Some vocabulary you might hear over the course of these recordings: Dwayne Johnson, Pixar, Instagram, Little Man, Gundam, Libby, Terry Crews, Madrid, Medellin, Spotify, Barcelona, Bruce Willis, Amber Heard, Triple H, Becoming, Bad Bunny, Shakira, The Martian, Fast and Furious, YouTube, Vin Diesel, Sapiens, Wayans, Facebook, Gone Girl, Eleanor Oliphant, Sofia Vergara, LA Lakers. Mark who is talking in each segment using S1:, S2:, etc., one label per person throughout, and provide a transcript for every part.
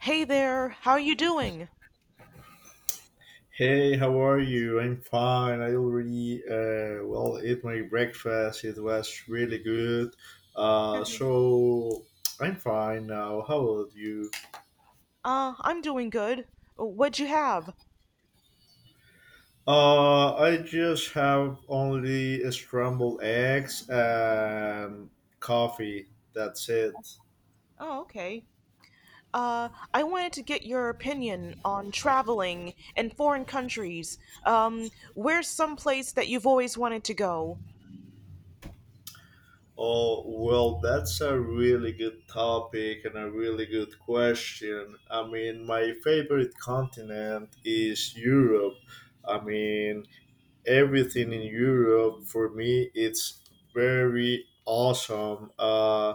S1: Hey there, how are you doing?
S2: Hey, how are you? I'm fine. I already well ate my breakfast. It was really good. Uh, so I'm fine now. How about you?
S1: I'm doing good. What'd you have?
S2: I just have only scrambled eggs and coffee. That's it.
S1: Oh, okay. Uh, I wanted to get your opinion on traveling in foreign countries. Um, Where's some place that you've always wanted to go?
S2: Oh, well, that's a really good topic and a really good question. I mean, my favorite continent is Europe. I mean, everything in Europe for me it's very awesome.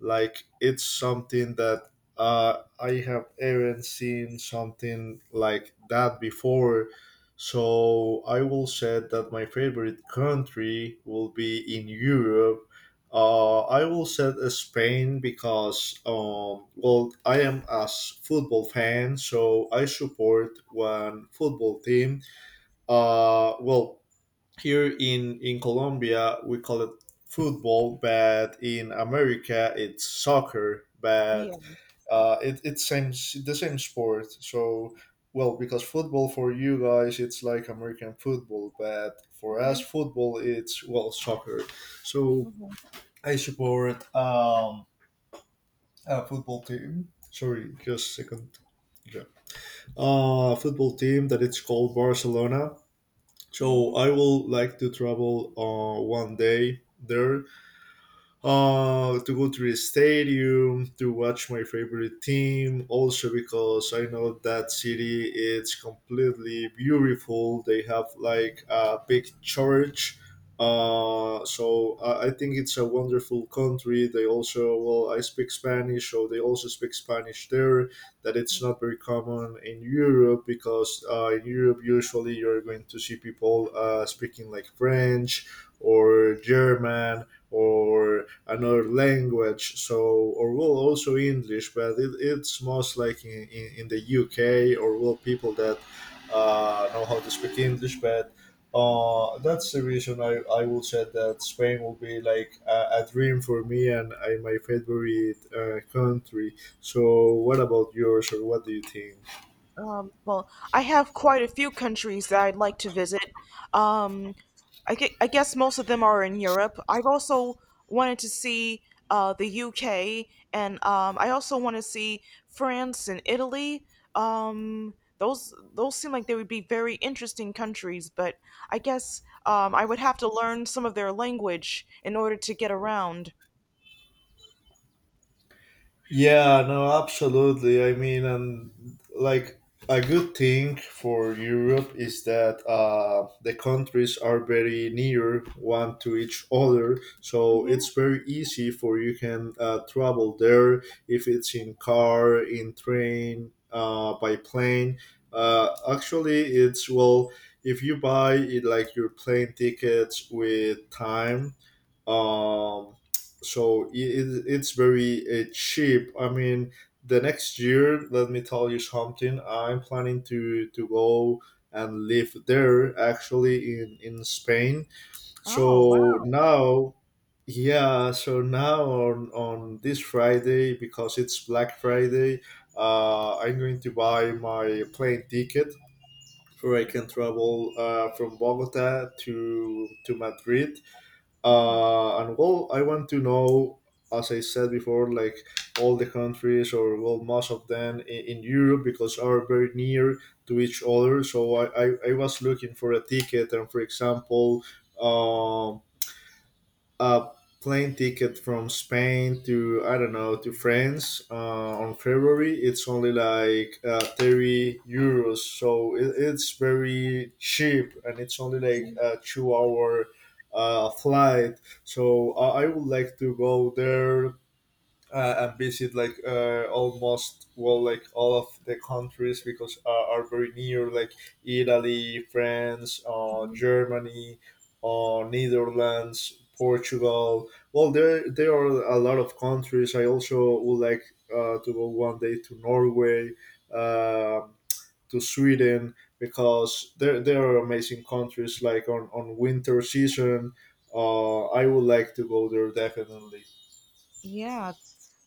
S2: Like it's something that I have haven't seen something like that before. So I will say that my favorite country will be in Europe. I will say Spain because, well, I am a football fan, so I support one football team. Well, here in Colombia we call it football, but in America it's soccer. But
S1: Yeah.
S2: it's same the same sport. So well, because football for you guys it's like American football, but for us football it's well soccer. So I support a football team. Sorry, just a second. Yeah. Football team that it's called Barcelona,
S1: Hmm.
S2: so I would like to travel one day there, to go to the stadium to watch my favorite team. Also, because I know that city it's completely beautiful. They have like a big church. So I think it's a wonderful country. They also well, I speak Spanish, so they also speak Spanish there. That it's not very common in Europe because in Europe usually you're going to see people speaking like French or German or another language, so or well also english, but it's most like in the uk, or well people that know how to speak english, but that's the reason I would say that Spain will be like a dream for me and my favorite country. So, what about yours, or what do you think?
S1: Well, I have quite a few countries that I'd like to visit. Um, I guess most of them are in Europe. I've also wanted to see the UK, and I also want to see France and Italy. Um, those seem like they would be very interesting countries, but I guess I would have to learn some of their language in order to get around.
S2: Yeah, no, absolutely. I mean, and like a good thing for Europe is that the countries are very near one to each other, so
S1: Hmm.
S2: it's very easy for you can travel there if it's in car, in train, by plane. Actually, it's well if you buy it like your plane tickets with time. Um, so it's very cheap. I mean, the next year, let me tell you something. I'm planning to go and live there, actually in spain,
S1: Oh,
S2: so now, yeah, so now on this friday because it's black friday, I'm going to buy my plane ticket where I can travel from bogota to madrid,
S1: wow.
S2: and well I want to know, as I said before, like all the countries, or well, most of them in europe, because are very near to each other. So I was looking for a ticket, and for example, um a plane ticket from Spain to I don't know, to France on February. It's only like €30, so it's very cheap, and it's only like a two-hour flight. So I would like to go there, and visit like almost well like all of the countries because are very near, like Italy, France, Germany, Netherlands, Portugal. Well, there are a lot of countries. I also would like to go one day to Norway, um to Sweden, because there are amazing countries like on winter season. I would like to go there definitely.
S1: Yeah,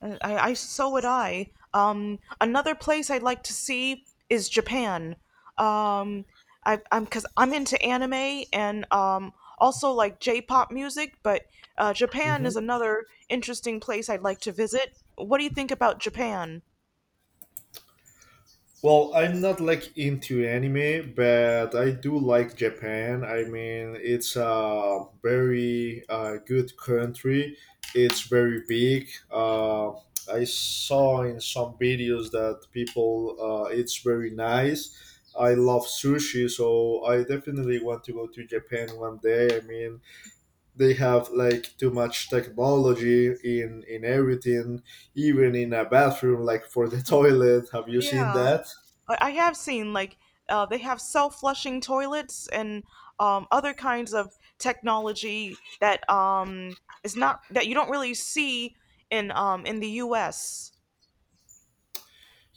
S1: I so would I. Another place I'd like to see is Japan. Um, I'm because I'm into anime and also like J-pop music, but Japan
S2: Mhm.
S1: is another interesting place I'd like to visit. What do you think about Japan?
S2: Well, I'm not like into anime, but I do like Japan. I mean, it's a very good country. It's very big. I saw in some videos that people, it's very nice. I love sushi, so I definitely want to go to Japan one day. I mean, they have like too much technology in everything, even in a bathroom, like for the toilet. Have you seen
S1: Yeah.
S2: that?
S1: I have seen like they have self-flushing toilets and other kinds of technology that is not that you don't really see in the U.S.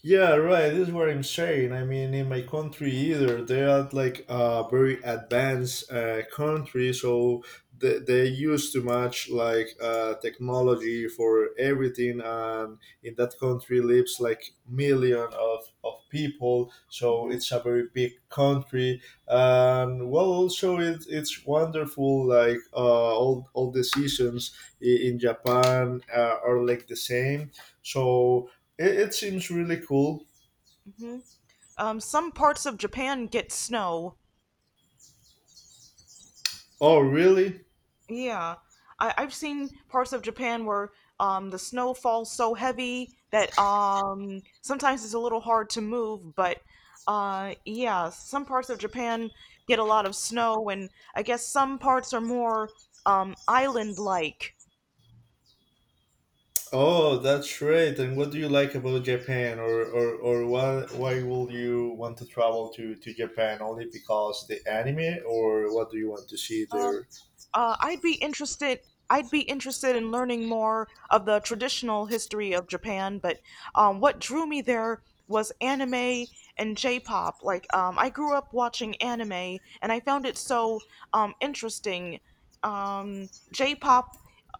S2: Yeah, right. This is what I'm saying. I mean, in my country either, they are like a very advanced country, so they use too much like technology for everything. And in that country lives like million of people, so
S1: Hmm.
S2: it's a very big country. And well, also it's wonderful. Like all the seasons in Japan are like the same. So it seems really cool.
S1: Hmm. Some parts of Japan get snow.
S2: Oh, really?
S1: Yeah. I, I've seen parts of Japan where the snow falls so heavy that sometimes it's a little hard to move, but yeah, some parts of Japan get a lot of snow, and I guess some parts are more island-like.
S2: Oh, that's great. And what do you like about Japan, or why will you want to travel to Japan only because the anime, or what do you want to see there?
S1: I'd be interested. I'd be interested in learning more of the traditional history of Japan, but what drew me there was anime and J-pop. Like, I grew up watching anime, and I found it so interesting. J-pop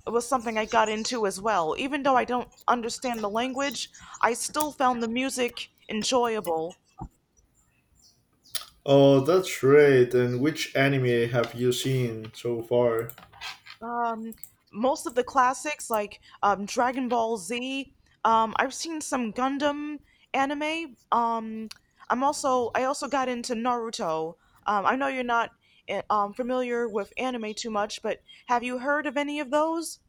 S1: was something I got into as well. Even though I don't understand the language, I still found the music enjoyable.
S2: Oh, that's great. And which anime have you seen so far?
S1: Um, Most of the classics like Dragon Ball Z. I've seen some Gundam anime. I also got into Naruto. I know you're not familiar with anime too much, but have you heard of any of those?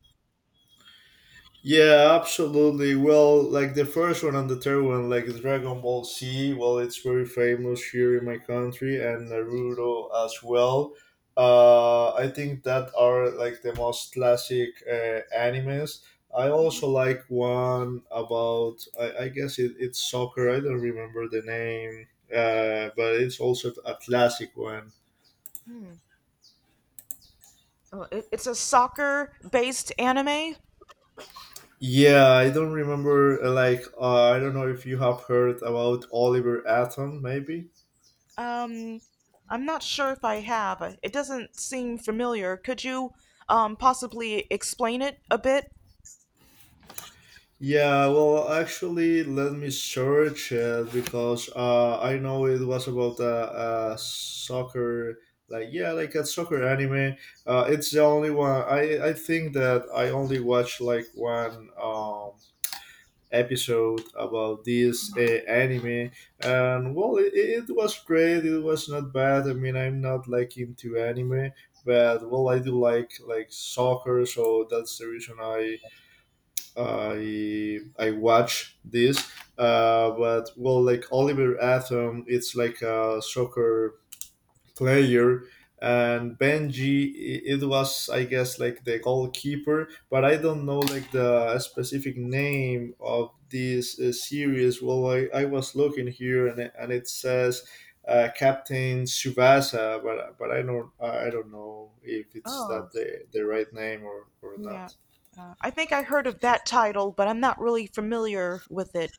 S2: Yeah, absolutely. Well, like the first one and the third one, like Dragon Ball Z, well, it's very famous here in my country, and Naruto as well. I think that are like the most classic animes. I also like one about, I guess it's soccer. I don't remember the name, but it's also a classic one.
S1: Hmm. Oh, it- It's a soccer-based anime.
S2: Yeah, I don't remember. Like, I don't know if you have heard about Oliver Atom, maybe.
S1: Um, I'm not sure if I have. It doesn't seem familiar. Could you possibly explain it a bit?
S2: Yeah, well, actually, let me search it because I know it was about a soccer, like yeah, like a soccer anime. It's the only one. I think that I only watched like one episode about this anime, and well, it was great. It was not bad. I mean, I'm not like into anime, but well, I do like soccer, so that's the reason I watch this, but well, like Oliver Atom, it's like a soccer player, and Benji, it was I guess like the goalkeeper, but I don't know like the specific name of this series. Well, I was looking here, and it says. Captain Subasa, but I don't know if it's
S1: Oh.
S2: that the right name, or
S1: Yeah.
S2: not.
S1: I think I heard of that title, but I'm not really familiar with it.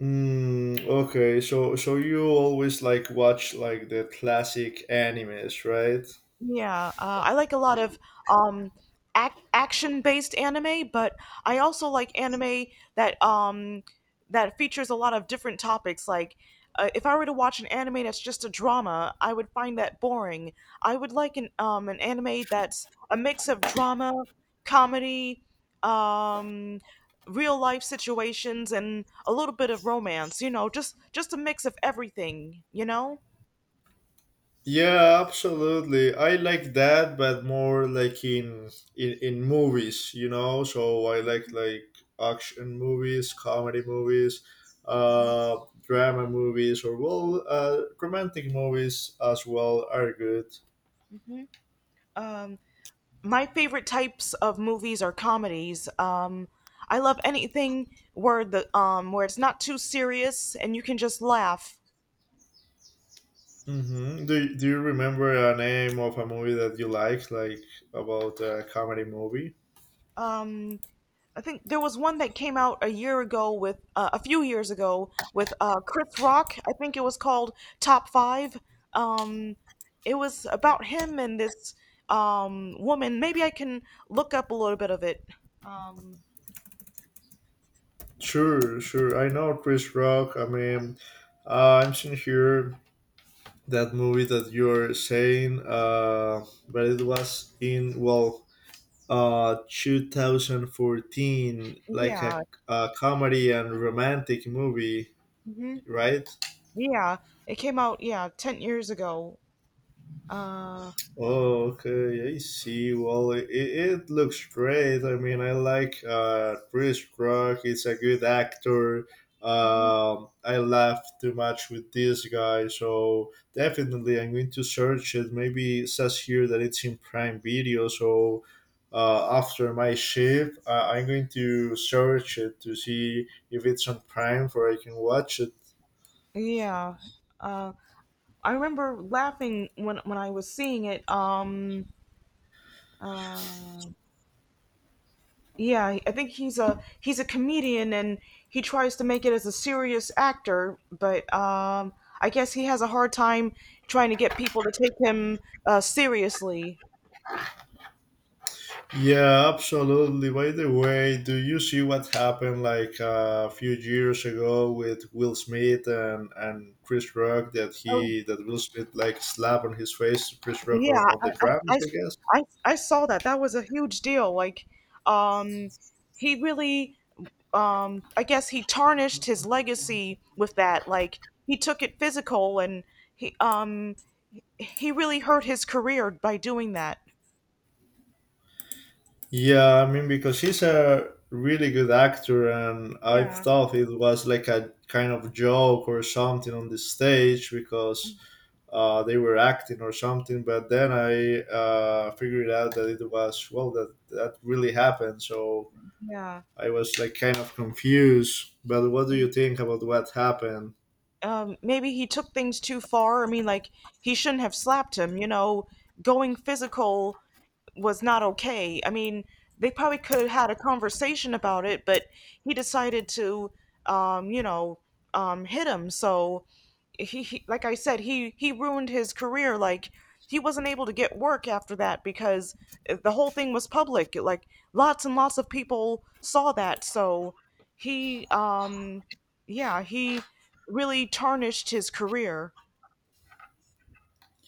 S2: Mm, okay, so you always like watch like the classic animes, right?
S1: Yeah, I like a lot of um, action-based anime, but I also like anime that that features a lot of different topics. Like, if I were to watch an anime that's just a drama, I would find that boring. I would like an anime that's a mix of drama, comedy, um, real life situations, and a little bit of romance. You know, just a mix of everything. You know.
S2: Yeah, absolutely. I like that, but more like in movies, you know. So I like action movies, comedy movies,
S1: Mhm.
S2: uh, drama movies, or well, romantic movies as well are good.
S1: Um, my favorite types of movies are comedies. I love anything where the where it's not too serious and you can just laugh.
S2: Mm-hmm. Do you remember a name of a movie that you liked, like about a comedy movie?
S1: Um, I think there was one that came out a few years ago with Chris Rock. I think it was called Top Five. Um, it was about him and this woman. Maybe I can look up a little bit of it. Um,
S2: Sure, sure. I know Chris Rock. I mean, I'm seeing here that movie that you're saying, but it was in, well, 2014, like
S1: yeah.
S2: a comedy and romantic movie,
S1: Hmm.
S2: right?
S1: Yeah. It came out, yeah, 10 years ago. Uh,
S2: Oh, okay, I see. Well, it looks great. I mean, I like Chris Rock. He's a good actor.
S1: Mhm.
S2: I laughed too much with this guy, so definitely I'm going to search it. Maybe it says here that it's in Prime Video, so after my shift, I'm going to search it to see if it's on Prime, for I can watch it.
S1: Yeah. Uh, I remember laughing when I was seeing it. Uh, yeah, I think he's a comedian and he tries to make it as a serious actor, but I guess he has a hard time trying to get people to take him seriously.
S2: Yeah, absolutely. By the way, do you see what happened like a few years ago with Will Smith and Chris Rock, that
S1: Oh
S2: he that Will Smith like slap on his face Chris Rock
S1: yeah,
S2: on the
S1: I,
S2: premise,
S1: I,
S2: I guess?
S1: I saw that. That was a huge deal. Like, um, he really I guess he tarnished his legacy with that. Like he took it physical and he um he really hurt his career by doing that.
S2: Yeah, I mean because he's a really good actor, and I
S1: Yeah.
S2: thought it was like a kind of joke or something on the stage, because they were acting or something, but then I figured out that it was well that really happened. So
S1: Yeah.
S2: I was like kind of confused. But what do you think about what happened?
S1: Maybe he took things too far. I mean, like, he shouldn't have slapped him, you know. Going physical was not okay. I mean, they probably could have had a conversation about it, but he decided to, um, you know, hit him. So like I said, he ruined his career. Like he wasn't able to get work after that because the whole thing was public. Like lots and lots of people saw that. So he, um, yeah, he really tarnished his career.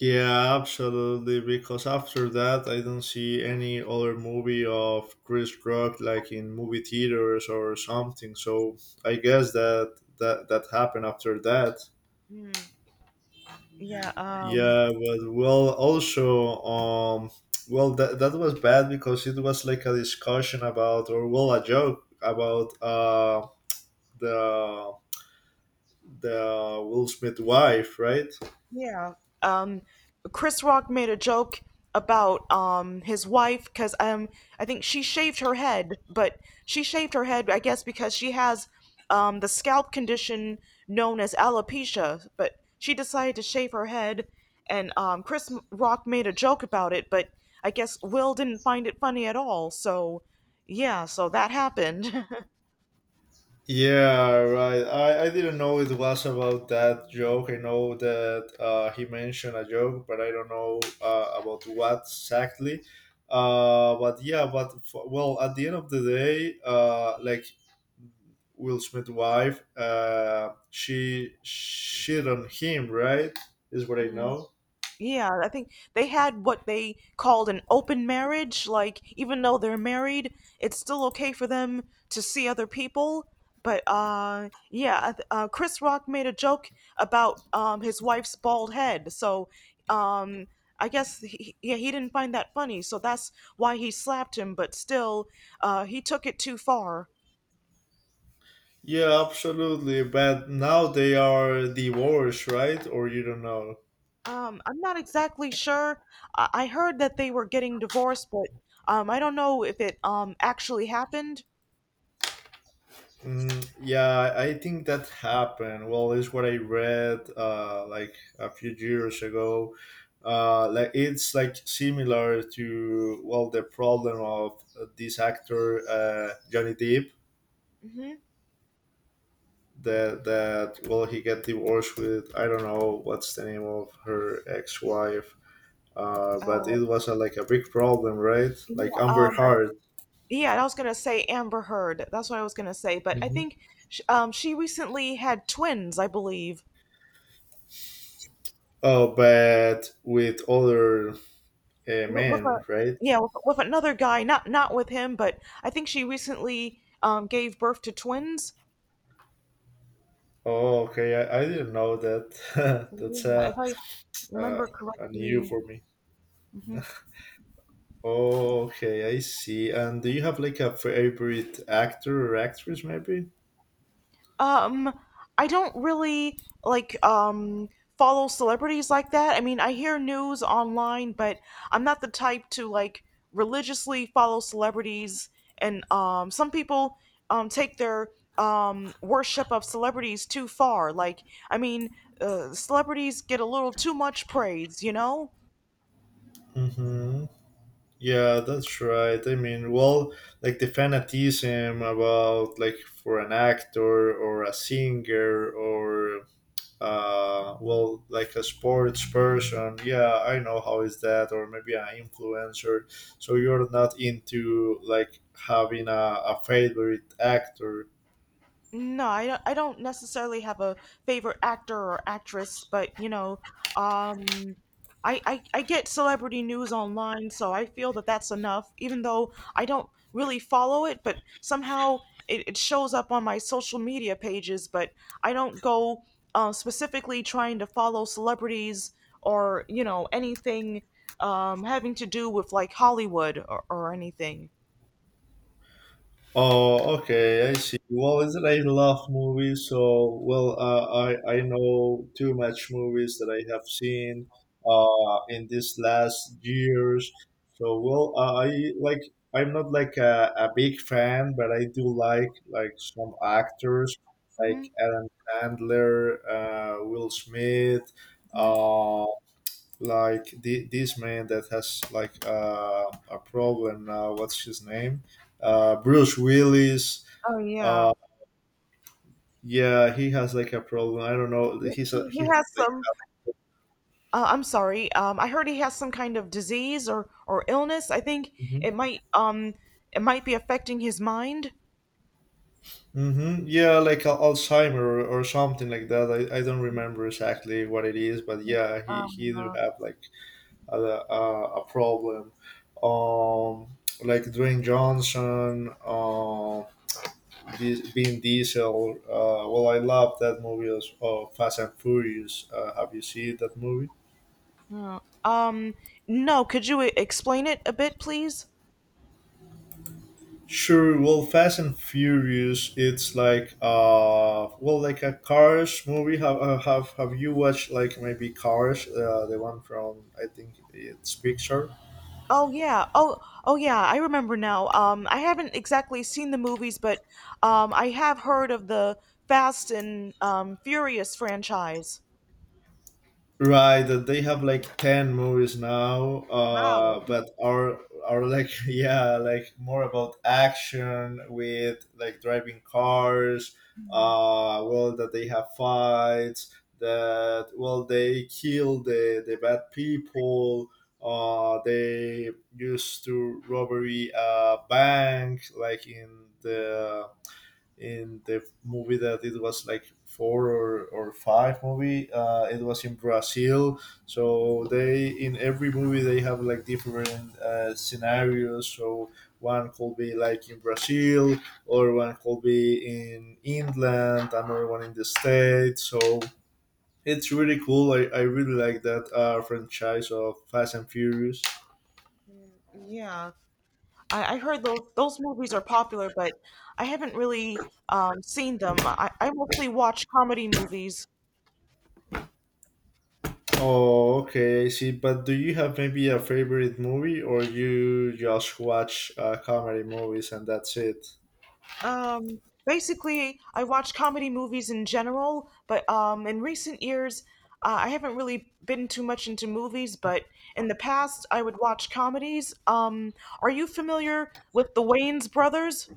S2: Yeah, absolutely. Because after that, I don't see any other movie of Chris Rock like in movie theaters or something. So I guess that that happened after that.
S1: Mm, yeah.
S2: Yeah, but well, also, well, that was bad because it was like a discussion about, or well, a joke about the the Will Smith wife, right?
S1: Yeah. Um, Chris Rock made a joke about his wife because I think she shaved her head, but she shaved her head I guess because she has the scalp condition known as alopecia, but she decided to shave her head, and Rock made a joke about it, but I guess Will didn't find it funny at all. So yeah, so that happened.
S2: Yeah, right. I didn't know it was about that joke. I know that he mentioned a joke, but I don't know about what exactly. But yeah, but well, at the end of the day, like Will Smith's wife, she shit on him, right? Is what I know.
S1: Yeah, I think they had what they called an open marriage. Like, even though they're married, it's still okay for them to see other people. But yeah, Chris Rock made a joke about his wife's bald head. So um, I guess yeah, he didn't find that funny. So that's why he slapped him. But still, he took it too far.
S2: Yeah, absolutely. But now they are divorced, right? Or you don't know?
S1: I'm not exactly sure. I heard that they were getting divorced, but I don't know if it actually happened.
S2: Mm, yeah, I think that happened. Well, it's what I read like a few years ago. Like it's like similar to well the problem of this actor, Johnny Depp,
S1: Mm-hmm.
S2: that he got divorced with I don't know what's the name of her ex wife. But
S1: Uh,
S2: it was like a big problem, right?
S1: yeah,
S2: Like Amber
S1: um, uh,
S2: Heard.
S1: yeah, and I was gonna say Amber Heard. That's what I was gonna say, but I
S2: hmm
S1: think sh she recently had twins, I believe,
S2: Oh, but with other
S1: with a
S2: men, right?
S1: yeah, with another guy, not not with him, but I think she recently gave birth to twins.
S2: Oh, okay. I didn't know that. That's
S1: Yeah, if I
S2: a
S1: remember
S2: a new
S1: correctly.
S2: for me.
S1: Mm-hmm.
S2: Oh, okay. I see. And do you have like a favorite actor or actress, maybe?
S1: Um, I don't really like follow celebrities like that. I mean, I hear news online, but I'm not the type to like religiously follow celebrities. And some people take their worship of celebrities too far. Like, I mean, celebrities get a little too much praise, you know?
S2: Mm-hmm. Yeah, that's right. I mean, well, like the fanatism about like for an actor or a singer or well, like a sports person, yeah, I know how is that, or maybe an influencer. So you're not into like having a favorite actor.
S1: No, I don't necessarily have a favorite actor or actress, but you know, um, I get celebrity news online, so I feel that that's enough, even though I don't really follow it, but somehow it shows up on my social media pages, but I don't go specifically trying to follow celebrities or, you know, anything having to do with like Hollywood or anything.
S2: Oh, okay, I see. Well, is it I love movies, so well, I know too much movies that I have seen in these last years. So well, I like I'm not like a big fan, but I do like some actors
S1: Hmm.
S2: like Adam Sandler, Will Smith.
S1: Hmm.
S2: uh, like this man that has like a problem now. What's his name? Bruce Willis.
S1: Oh yeah,
S2: Uh, yeah, he has like a problem. I don't know. He's a
S1: he
S2: he. has
S1: has some. I'm sorry. I heard he has some kind of disease or illness. I think
S2: Like,
S1: it might um it might be affecting his mind.
S2: hmm Yeah, like a- Alzheimer or something like that. I don't remember exactly what it is, but yeah, he do have like a problem. Um, like Dwayne Johnson. Vin Diesel. Well, I love that movie as well, Fast and Furious. Have you seen that movie?
S1: Uh, um, no. Could you explain it a bit, please?
S2: Sure. Well, Fast and Furious. It's like well, like a Cars movie. Have you watched like maybe Cars? The one from I think it's Pixar.
S1: Oh yeah. Oh oh yeah. I remember now. I haven't exactly seen the movies, but I have heard of the Fast and Furious franchise.
S2: Right, that they have like 10 movies now,
S1: Wow.
S2: but are like yeah, like more about action with like driving cars.
S1: Mhm.
S2: Well, that they have fights. That well, they kill the bad people. They used to robbery a bank like in the movie that it was like four or five movie it was in Brazil. So they, in every movie, they have like different scenarios. So one could be like in Brazil, or one could be in England, another one in the States. So it's really cool. I really like that franchise of Fast and Furious.
S1: Yeah. I heard those movies are popular, but I haven't really seen them. I mostly watch comedy movies.
S2: Oh, okay, I see. But do you have maybe a favorite movie, or you just watch comedy movies and that's it?
S1: Um, basically, I watch comedy movies in general, but in recent years, I haven't really been too much into movies. But in the past, I would watch comedies. Are you familiar with the Wayans brothers?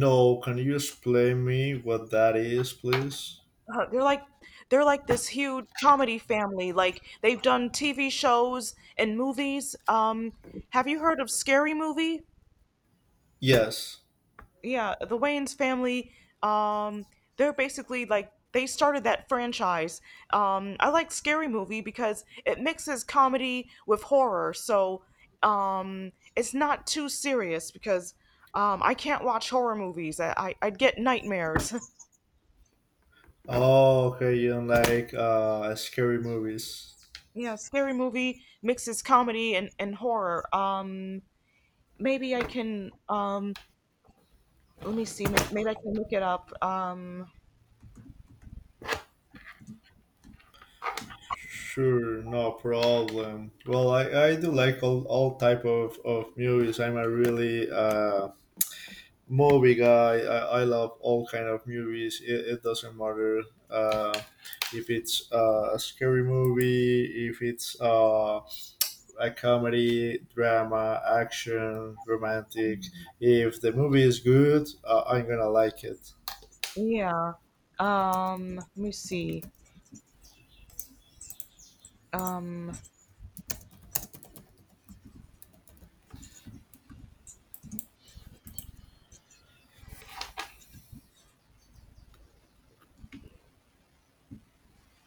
S2: No, can you explain me what that is, please?
S1: Uh, they're like they're like this huge comedy family. Like they've done TV shows and movies. Have you heard of Scary Movie?
S2: Yes.
S1: Yeah, the Wayans family. Um, they're basically like they started that franchise. I like Scary Movie because it mixes comedy with horror, so it's not too serious because I can't watch horror movies. I I'd get nightmares.
S2: Oh, okay. You don't like scary movies?
S1: Yeah, scary movie mixes comedy and horror. Maybe I can let me see. Maybe I can look it up.
S2: Sure, no problem. Well, I do like all type of movies. I'm a really movie guy. I love all kind of movies. It doesn't matter uh, if it's a scary movie, if it's a comedy, drama, action, romantic. If the movie is good, I'm gonna like it.
S1: Yeah. Let me see. Um,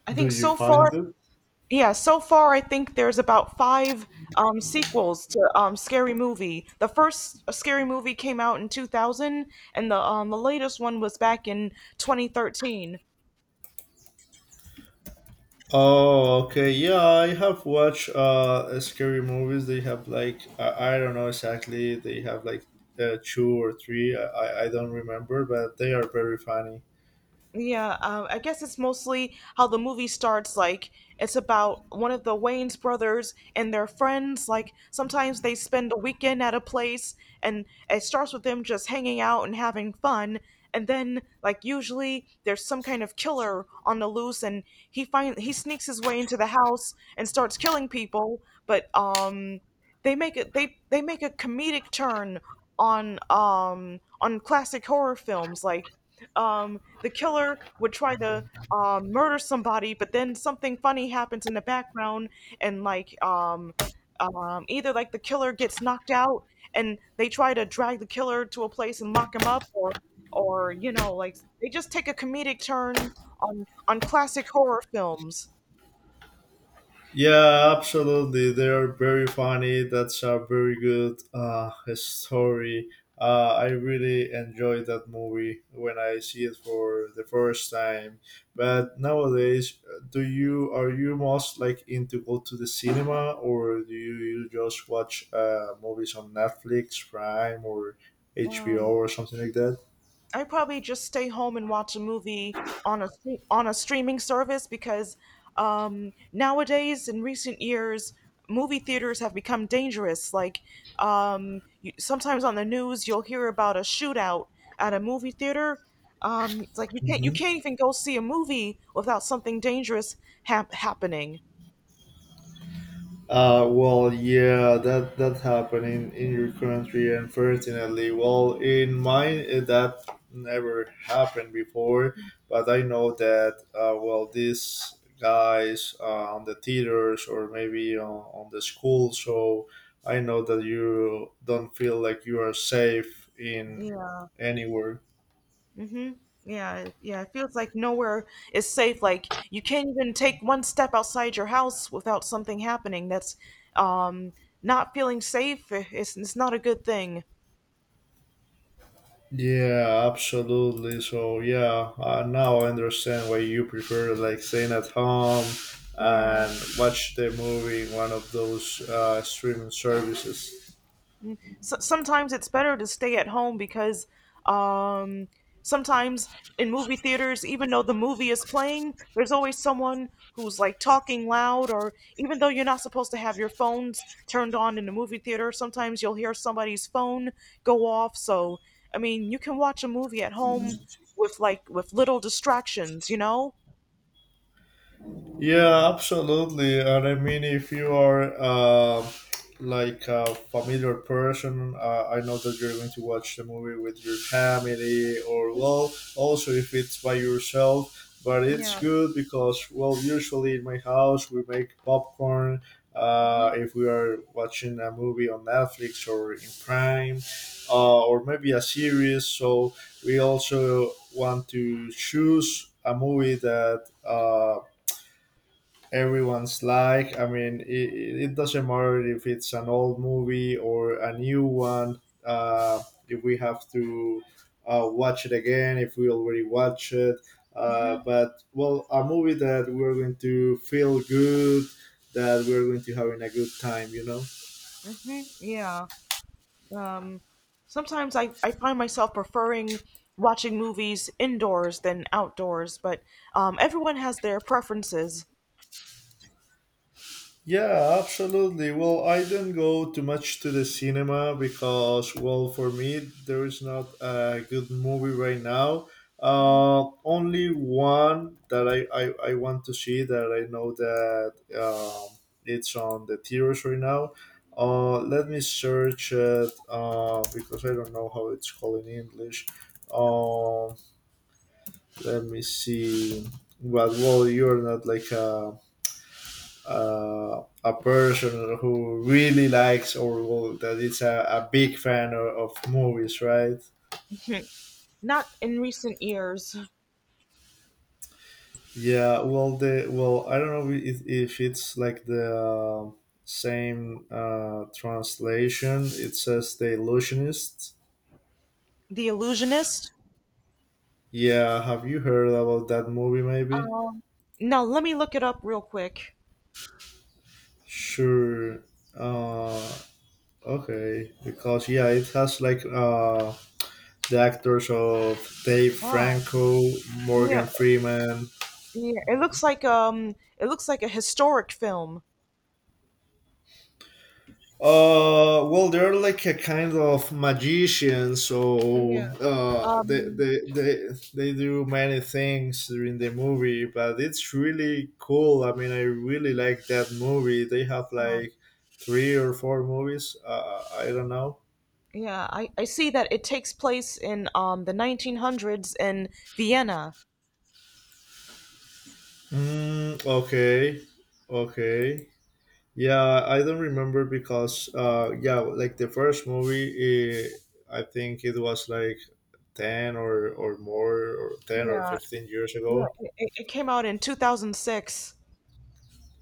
S1: I
S2: Do
S1: think
S2: you
S1: so
S2: find
S1: far,
S2: it?
S1: yeah, so far I think there's about five sequels to Scary Movie. The first Scary Movie came out in 2000, and the latest one was back in 2013.
S2: Oh, okay. Yeah, I have watched scary movies. They have like I don't know exactly. They have like two or three. I don't remember, but they are very funny.
S1: Yeah, I guess it's mostly how the movie starts. Like, it's about one of the Wayne's brothers and their friends. Like, sometimes they spend a weekend at a place, and it starts with them just hanging out and having fun. And then, like, usually there's some kind of killer on the loose, and he sneaks his way into the house and starts killing people. But they make a comedic turn on classic horror films like the killer would try to murder somebody, but then something funny happens in the background, and either like the killer gets knocked out, and they try to drag the killer to a place and lock him up, or you know like they just take a comedic turn on classic horror films.
S2: Yeah, absolutely. They are very funny. That's a very good story. I really enjoyed that movie when I see it for the first time.
S1: Mhm.
S2: But nowadays, do you are you most like into go to the cinema, or do you just watch movies on Netflix, Prime, or HBO
S1: Um,
S2: or something like that?
S1: I probably just stay home and watch a movie on on a streaming service because nowadays, in recent years, movie theaters have become dangerous. Like you, sometimes on the news, you'll hear about a shootout at a movie theater. It's like you
S2: Mhm.
S1: can't even go see a movie without something dangerous happening.
S2: Well, yeah, that happened in your country, unfortunately. Well, in mine that never happened before, but I know that well, these guys on the theaters or maybe on the school, so I know that you don't feel like you are safe in anywhere.
S1: Mm-hmm. Yeah. It feels like nowhere is safe. Like you can't even take one step outside your house without something happening. That's um not feeling safe. It's not a good thing.
S2: Yeah, absolutely. So yeah, now I understand why you prefer like staying at home
S1: Yeah.
S2: and watch the movie in one of those streaming services.
S1: So, sometimes it's better to stay at home because um, sometimes in movie theaters, even though the movie is playing, there's always someone who's like talking loud, or even though you're not supposed to have your phones turned on in the movie theater, sometimes you'll hear somebody's phone go off. So, I mean, you can watch a movie at home with with little distractions,
S2: Yeah, absolutely. And I mean, if you are like a familiar person, I know that you're going to watch the movie with your family, or well, also if it's by yourself. But it's
S1: Yeah.
S2: good because, well, usually in my house we make popcorn.
S1: Hmm.
S2: If we are watching a movie on Netflix or in Prime, or maybe a series, so we also want to choose a movie that. Everyone's like. I mean, it doesn't matter if it's an old movie or a new one. If we have to watch it again, if we already watch it.
S1: Hmm.
S2: But well, a movie that we're going to feel good, that we're going to having a good time.
S1: Yeah. Um, Sometimes I find myself preferring watching movies indoors than outdoors, but everyone has their preferences.
S2: Yeah, absolutely. Well, I don't go too much to the cinema because, well, for me, there is not a good movie right now. Only one that I want to see that I know that um, it's on the theaters right now. Let me search it because I don't know how it's called in English. Uh, Let me see. But, well, you're not like a person who really likes or well, that is a big fan of movies, right?
S1: Hmm. Not in recent years.
S2: Yeah, well, I don't know if it's like the same translation. It says The Illusionist.
S1: The Illusionist?
S2: Yeah, have you heard about that movie? Maybe.
S1: Um, no, let me look it up real quick.
S2: Sure. Uh, okay, because yeah, it has like the actors of Dave
S1: Oh,
S2: Franco,
S1: yeah,
S2: Morgan Freeman.
S1: yeah. It looks like a historic film.
S2: Well, they're like a kind of magician,
S1: Yeah.
S2: so they,
S1: Um,
S2: they they they do many things during the movie, but it's really cool. I mean, I really like that movie. They have
S1: um,
S2: like three or four movies. I don't know.
S1: yeah, I see that it takes place in the 1900s in Vienna.
S2: Mm, okay, okay. Yeah, I don't remember because yeah, like the first movie, I think it was like ten or more or ten or
S1: Yeah.
S2: fifteen years ago.
S1: It came out in 2006.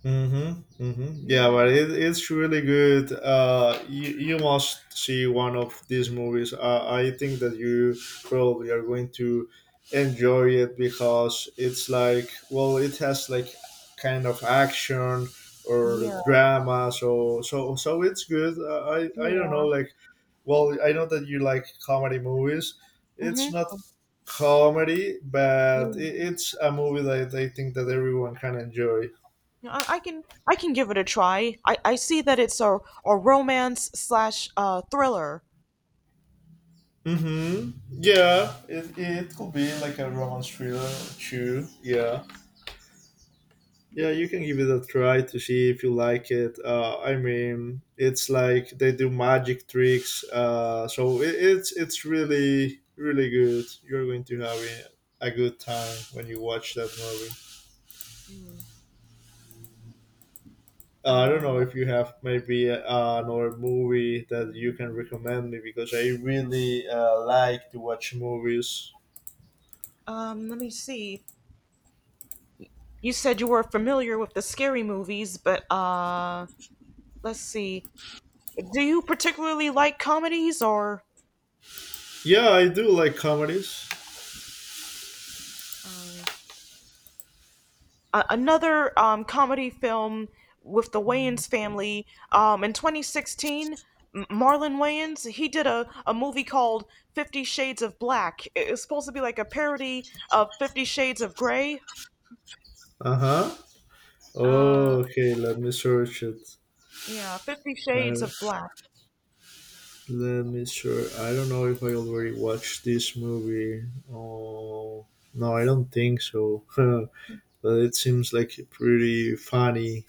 S2: Mm-hmm, mm-hmm. Yeah, but
S1: Yeah,
S2: it's really good. You must see one of these movies. I think that you probably are going to enjoy it because it's like, well, it has like kind of action or
S1: yeah,
S2: drama. So it's good. I don't
S1: yeah.
S2: know. Like, well, I know that you like comedy movies. It's
S1: Hmm.
S2: not comedy, but it's a movie that I think that everyone can enjoy.
S1: Yeah, I can I can give it a try. I see that it's a romance slash thriller.
S2: Mm-hmm. Yeah, it could be like a romance thriller too. Yeah. Yeah, you can give it a try to see if you like it. I mean, it's like they do magic tricks. So it's really really good. You're going to have a good time when you watch that movie. I don't know
S1: Um,
S2: if you have maybe another movie that you can recommend me because I really like to watch movies.
S1: Let me see. You said you were familiar with the scary movies, but let's see. Do you particularly like comedies or?
S2: Yeah, I do like comedies.
S1: Uh, another comedy film with the Wayans family. In 2016, Marlon Wayans he did a movie called Fifty Shades of Black. It's supposed to be like a parody of Fifty Shades of Grey.
S2: Uh huh.
S1: Uh,
S2: Oh, okay, let me search it.
S1: yeah, Fifty Shades
S2: Uh,
S1: of Black.
S2: Let me sure. I don't know if I already watched this movie. Oh, no, I don't think so. But it seems like pretty funny,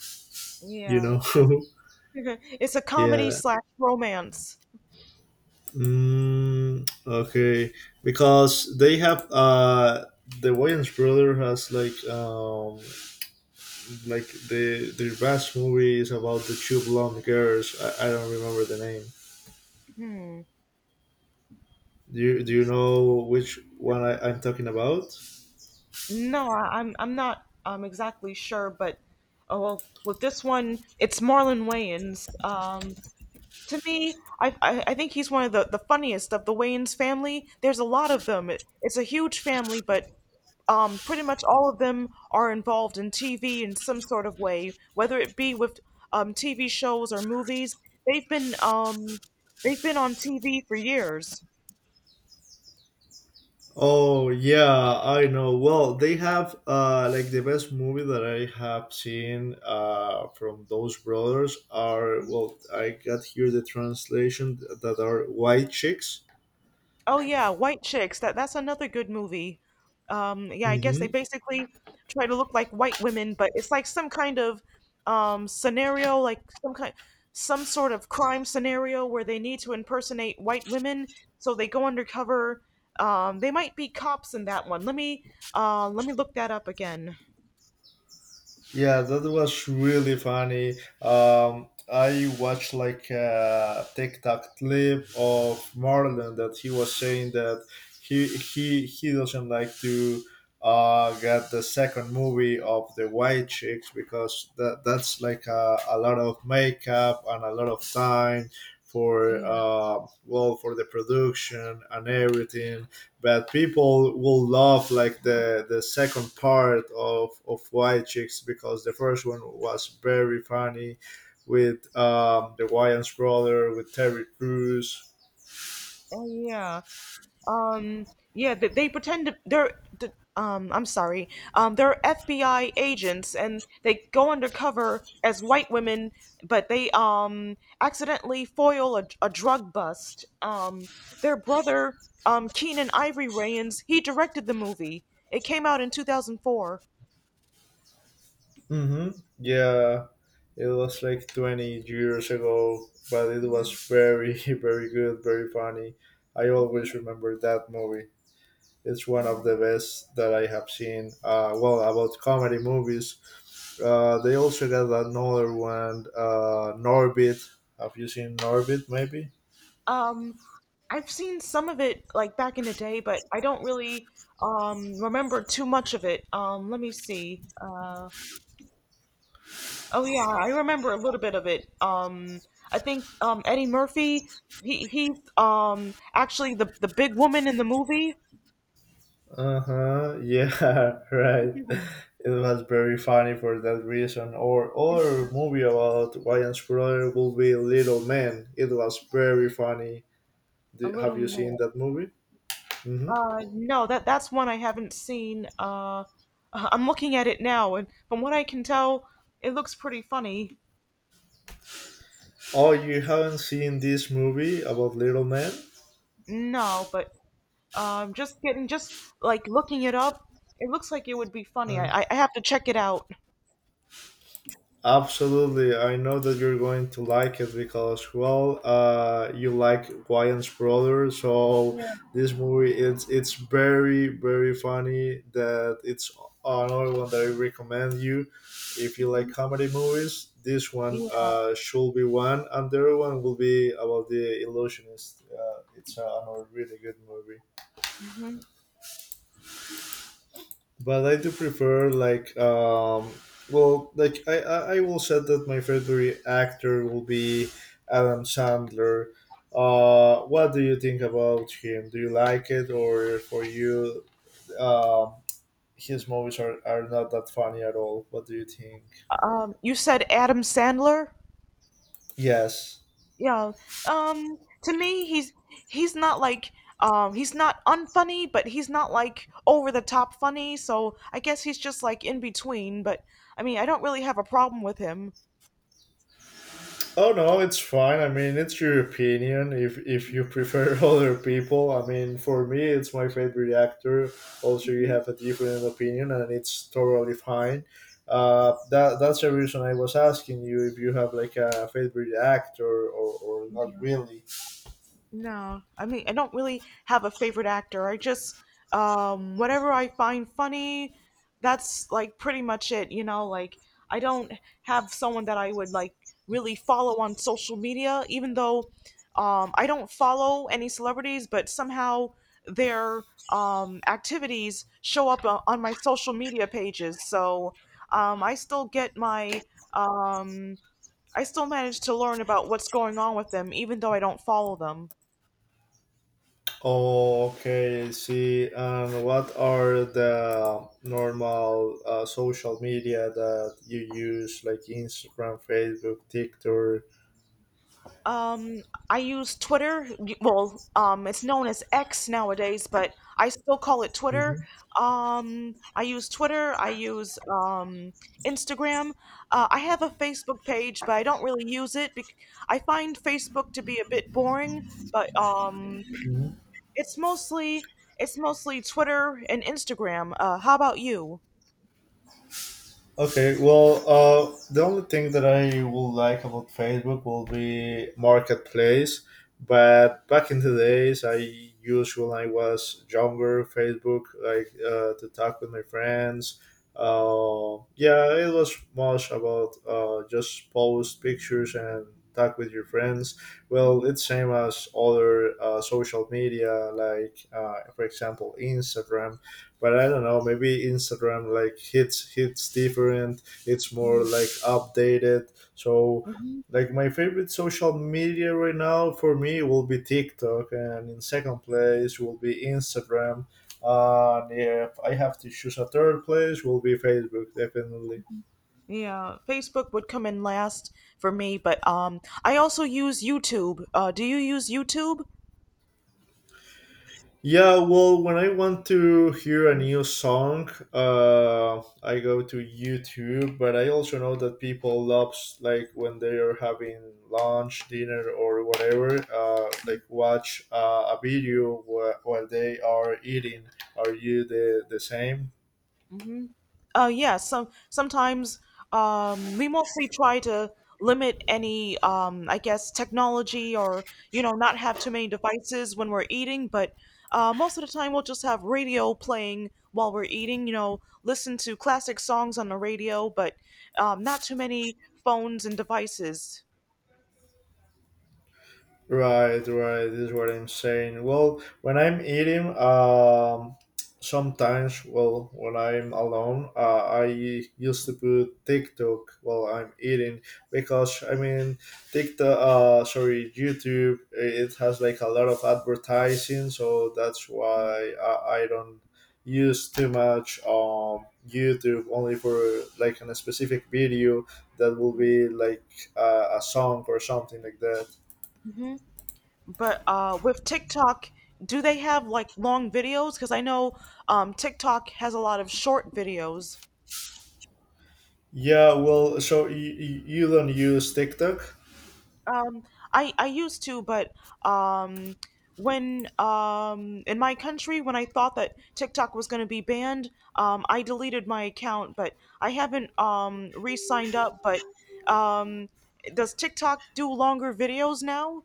S2: you
S1: Yeah,
S2: know?
S1: it's a comedy
S2: Yeah.
S1: slash romance.
S2: Mm, okay, because they have the Wayans brother has like their best movie is about the two blonde girls. I don't remember the name. Do you know which one I'm talking about?
S1: No, I'm not exactly sure, but oh well, with this one, it's Marlon Wayans. To me, I think he's one of the funniest of the Wayans family. There's a lot of them. It's a huge family, but pretty much all of them are involved in TV in some sort of way, whether it be with TV shows or movies. They've been um, they've been on TV for years.
S2: Oh yeah, I know. Well, they have like the best movie that I have seen from those brothers are, well, I got here the translation that are White Chicks.
S1: Oh yeah, White Chicks. That's another good movie. Yeah, I guess they
S2: Mhm.
S1: basically try to look like white women, but it's like some kind of scenario, some sort of crime scenario where they need to impersonate white women, so they go undercover. They might be cops in that one. Let me look that up again.
S2: Yeah, that was really funny. I watched like a TikTok clip of Marlon that he was saying that he doesn't like to get the second movie of the White Chicks because that's like a lot of makeup and a lot of time for
S1: Yeah.
S2: well for the production and everything, but people will love like the second part of White Chicks because the first one was very funny with the Wayans brother with Terry Crews.
S1: Oh yeah. Um, yeah, they're I'm sorry. They're FBI agents and they go undercover as white women, but they accidentally foil a drug bust. Their brother, Keenan Ivory Wayans, he directed the movie. It came out in 2004.
S2: hmm Yeah, it was like 20 years ago, but it was very very good, very funny. I
S1: Hmm.
S2: always remember that movie. It's one of the best that I have seen. Well, about comedy movies, they also got another one, Norbit. Have you seen Norbit? Maybe.
S1: Um, I've seen some of it like back in the day, but I don't really remember too much of it. Let me see. Uh, oh yeah, I remember a little bit of it. I think Eddie Murphy. He's actually the big woman in the movie.
S2: Uh huh. Yeah. Right. It was very funny for that reason. Or movie about Ryan Spooler will be Little Man. It was very funny.
S1: A
S2: Have
S1: little
S2: you seen
S1: man.
S2: that movie? hmm
S1: No, that's one I haven't seen. I'm looking at it now, and from what I can tell, it looks pretty funny.
S2: Oh, you haven't seen this movie about Little Man?
S1: No, but just getting just like looking it up, it looks like it would be funny. I have to check it out.
S2: Absolutely. I know that you're going to like it because, well, you like Wayans brother. So
S1: Yeah.
S2: this movie, it's very very funny. That it's another one that I recommend you if you like
S1: Mhm.
S2: comedy movies. This one
S1: Yeah.
S2: should be one, and the other one will be about the illusionist. It's another really good movie.
S1: Hmm.
S2: But I do prefer like well like I will say that my favorite actor will be Adam Sandler. What do you think about him? Do you like it, or for you, um, his movies are not that funny at all? What do you think?
S1: You said Adam Sandler.
S2: Yes.
S1: Yeah. Um to me he's not like he's not unfunny, but he's not like over the top funny, so I guess he's just like in between, but I mean, I don't really have a problem with him.
S2: Oh no, it's fine. I mean, it's your opinion. If you prefer other people, I mean, for me, it's my favorite actor. Also, you
S1: Mhm.
S2: have a different opinion, and it's totally fine. That's the reason I was asking you if you have like a favorite actor or not really.
S1: No, I mean, I don't really have a favorite actor. I just, whatever I find funny, that's like pretty much it, you know? Like, I don't have someone that I would like really follow on social media, even though, I don't follow any celebrities, but somehow their, activities show up on my social media pages. So, I still get um, I still manage to learn about what's going on with them, even though I don't follow them.
S2: Okay, I see. And what are the normal social media that you use, like Instagram, Facebook, TikTok?
S1: Um, I use Twitter. Well, it's known as X nowadays, but I still call it Twitter.
S2: Mhm.
S1: I use Twitter. I use Instagram. I have a Facebook page, but I don't really use it. I find Facebook to be a bit boring, but it's mostly it's mostly Twitter and Instagram. How about you?
S2: Okay, well, the only thing that I will like about Facebook will be marketplace. But back in the days, I used when I was younger Facebook, like to talk with my friends. Yeah, it was much about just post pictures and talk with your friends. Well, it's same as other social media, like for example, Instagram, but I don't know, maybe Instagram like hits different. It's more
S1: Hmm.
S2: like updated. So like my favorite social media right now for me will be TikTok, and in second place will be Instagram, and if I have to choose a third place will be Facebook definitely.
S1: Yeah, Facebook would come in last for me, but I also use YouTube. Do you use YouTube?
S2: Yeah, well, when I want to hear a new song, I go to YouTube. But I also know that people love like when they are having lunch, dinner, or whatever, like watch a video while they are eating. Are you the same?
S1: Hmm. Yeah, sometimes we mostly try to limit any I guess technology or you know not have too many devices when we're eating, but most of the time we'll just have radio playing while we're eating. You know, listen to classic songs on the radio, but not too many phones and devices.
S2: Right, right. This is what I'm saying. Well, when I'm eating, sometimes, well, when I'm alone, I used to put TikTok while I'm eating because I mean, TikTok, sorry, YouTube, it has like a lot of advertising, so that's why I don't use too much YouTube only for like on a specific video that will
S1: Hmm.
S2: be like a song or something like that.
S1: Yeah. But with TikTok, do they have like long videos? Because I know TikTok has a lot of short videos.
S2: Yeah, well, so you don't use TikTok?
S1: Um, I used to, but um, when in my country, when I thought that TikTok was going to be banned, I deleted my account. But I haven't re-signed up. But um, does TikTok do longer videos now?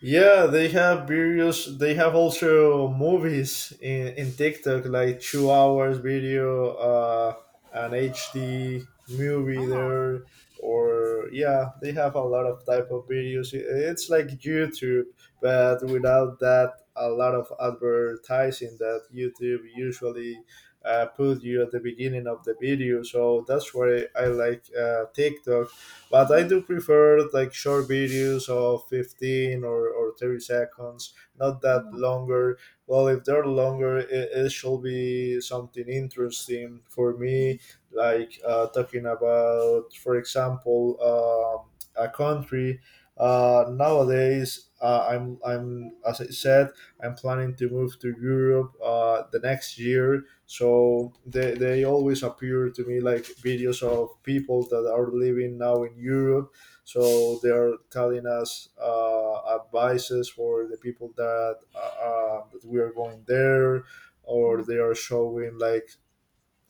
S2: Yeah, they have various. They have also movies in TikTok, like 2 hours video, an HD movie there, or yeah, they have a lot of type of videos. It's like YouTube, but without that, a lot of advertising that YouTube usually put you at the beginning of the video. So that's why I like TikTok. But I do prefer like short videos of 15 or 30 seconds, not that longer. Well, if they're longer, it should be something interesting for
S1: Mhm.
S2: me, like talking about, for example, a country. Nowadays, as I said, I'm planning to move to Europe the next year, so they always appear to me like videos of people that are living now in Europe. So they are telling us advices for the people that that we are going there, or they are showing like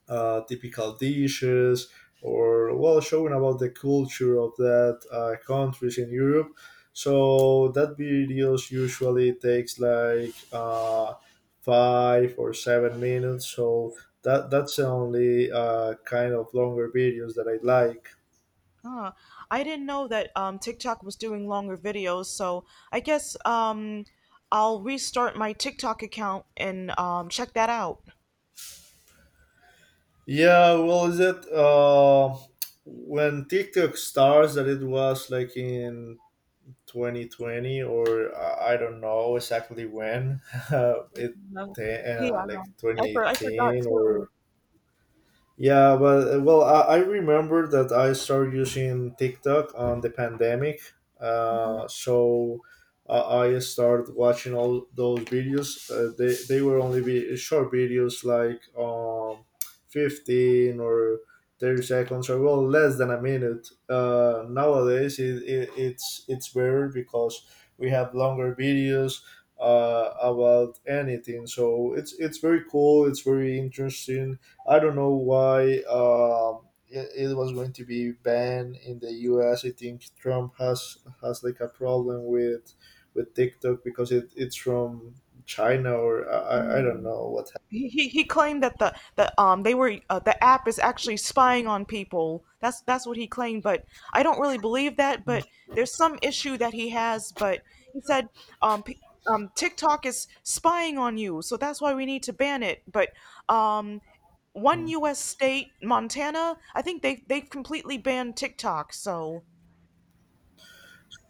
S2: typical dishes, or well showing about the culture of that countries in Europe. So that videos usually takes like 5 or 7 minutes. So that's the only kind of longer videos that I like.
S1: Ah, I didn't know that TikTok was doing longer videos, so I guess I'll restart my TikTok account and check that out.
S2: Yeah, well, is it when TikTok starts, that it was like in 2020 or I don't know exactly when. It
S1: No. Yeah, I know.
S2: like
S1: I forgot
S2: 2018
S1: too.
S2: or yeah, but well, I remember that I started using TikTok on the pandemic. So I started watching all those videos. They were only short videos like 15 or 30 seconds, or well, less than a minute. Nowadays, it's better because we have longer videos about anything. So it's very cool, it's very interesting. I don't know why it was going to be banned in the U.S. I think Trump has like a problem with TikTok because it's from China, or I don't
S1: Mhm.
S2: know what
S1: He claimed that the they were the app is actually spying on people. That's what he claimed, but I don't really believe that. But there's some issue that he has. But he said um, p- TikTok is spying on you, so that's why we need to ban it. But um one
S2: happened.
S1: U.S. state, Montana, I think they they've completely banned TikTok. So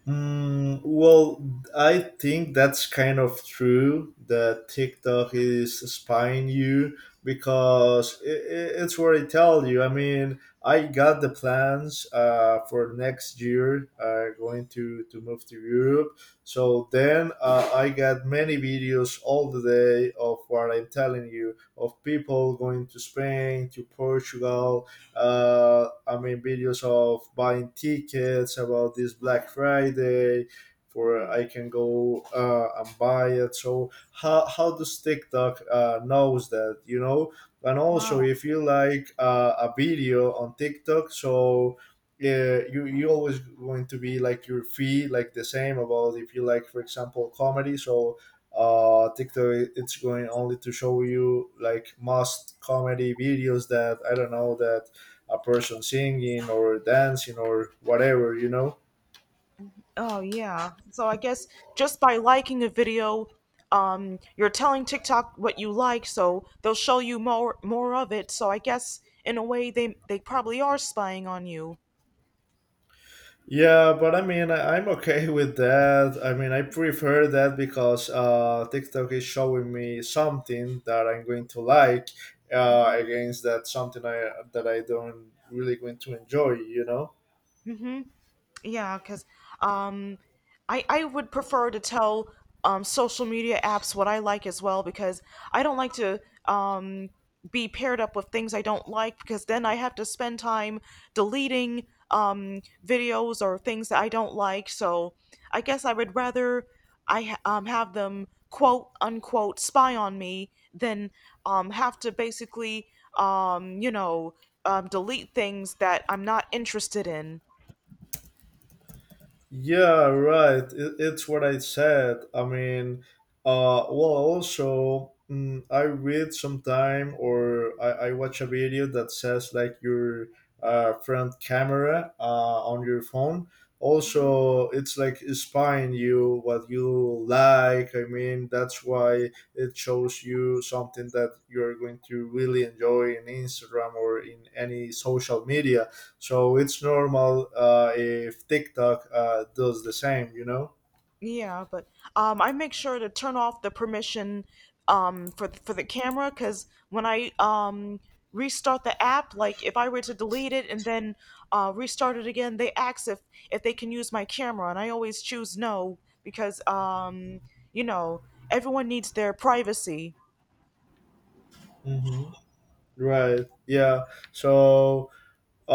S2: Mm, well, I think that's kind of true that TikTok is spying you because it's what I tell you. I mean, I got the plans for next year going to move to Europe. So then I got many videos all the day of what I'm telling you of people going to Spain, to Portugal, I mean videos of buying tickets about this Black Friday for I can go and buy it. So how does TikTok knows that you know? And
S1: wow.
S2: also if you like a video on TikTok, so yeah, you always going to be like your fee like the same about if you like for example comedy. So TikTok it's going only to show you like most comedy videos that I don't know that a person singing or dancing or whatever, you know?
S1: Oh yeah. So I guess just by liking a video, you're telling TikTok what you like, so they'll show you more of it. So I guess in a way they probably are spying on you.
S2: Yeah, but I mean, I'm okay with that. I mean, I prefer that because TikTok is showing me something that I'm going to like
S1: Hmm.
S2: against that something I that I don't really going to enjoy, you know?
S1: Mm-hmm. Yeah, because um, I would prefer to tell social media apps what I like as well because I don't like to um, be paired up with things I don't like because then I have to spend time deleting videos or things that I don't like. So I guess I would rather have them quote unquote spy on me than have to basically um, you know delete things that I'm not interested in.
S2: Yeah, right. It's what I said. I mean, well, also, I read sometime or I watch a video that says like your front camera on your phone. Also, it's like spying you what you like. I mean, that's why it shows you something that you're going to really enjoy in Instagram or in any social media, so it's normal if TikTok does the same, you know?
S1: Yeah, but I make sure to turn off the permission for for the camera because when I restart the app, like if I were to delete it and then restart it again, they ask if they can use my camera, and I always choose no because you know everyone needs their privacy.
S2: Hmm. Right. Yeah. So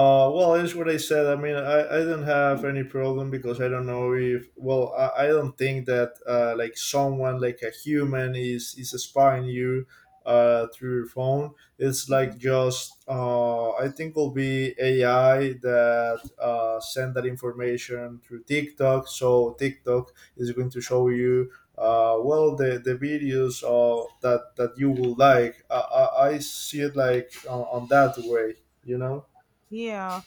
S2: Well, it's what I said. I mean, I don't have any problem because I don't know if, well, I don't think that like someone, like a human, is spying you through your phone. It's like just, I think will be AI that send that information through TikTok. So TikTok is going to show you, well, the videos that you will like. I see it like on that way, you know?
S1: Yeah.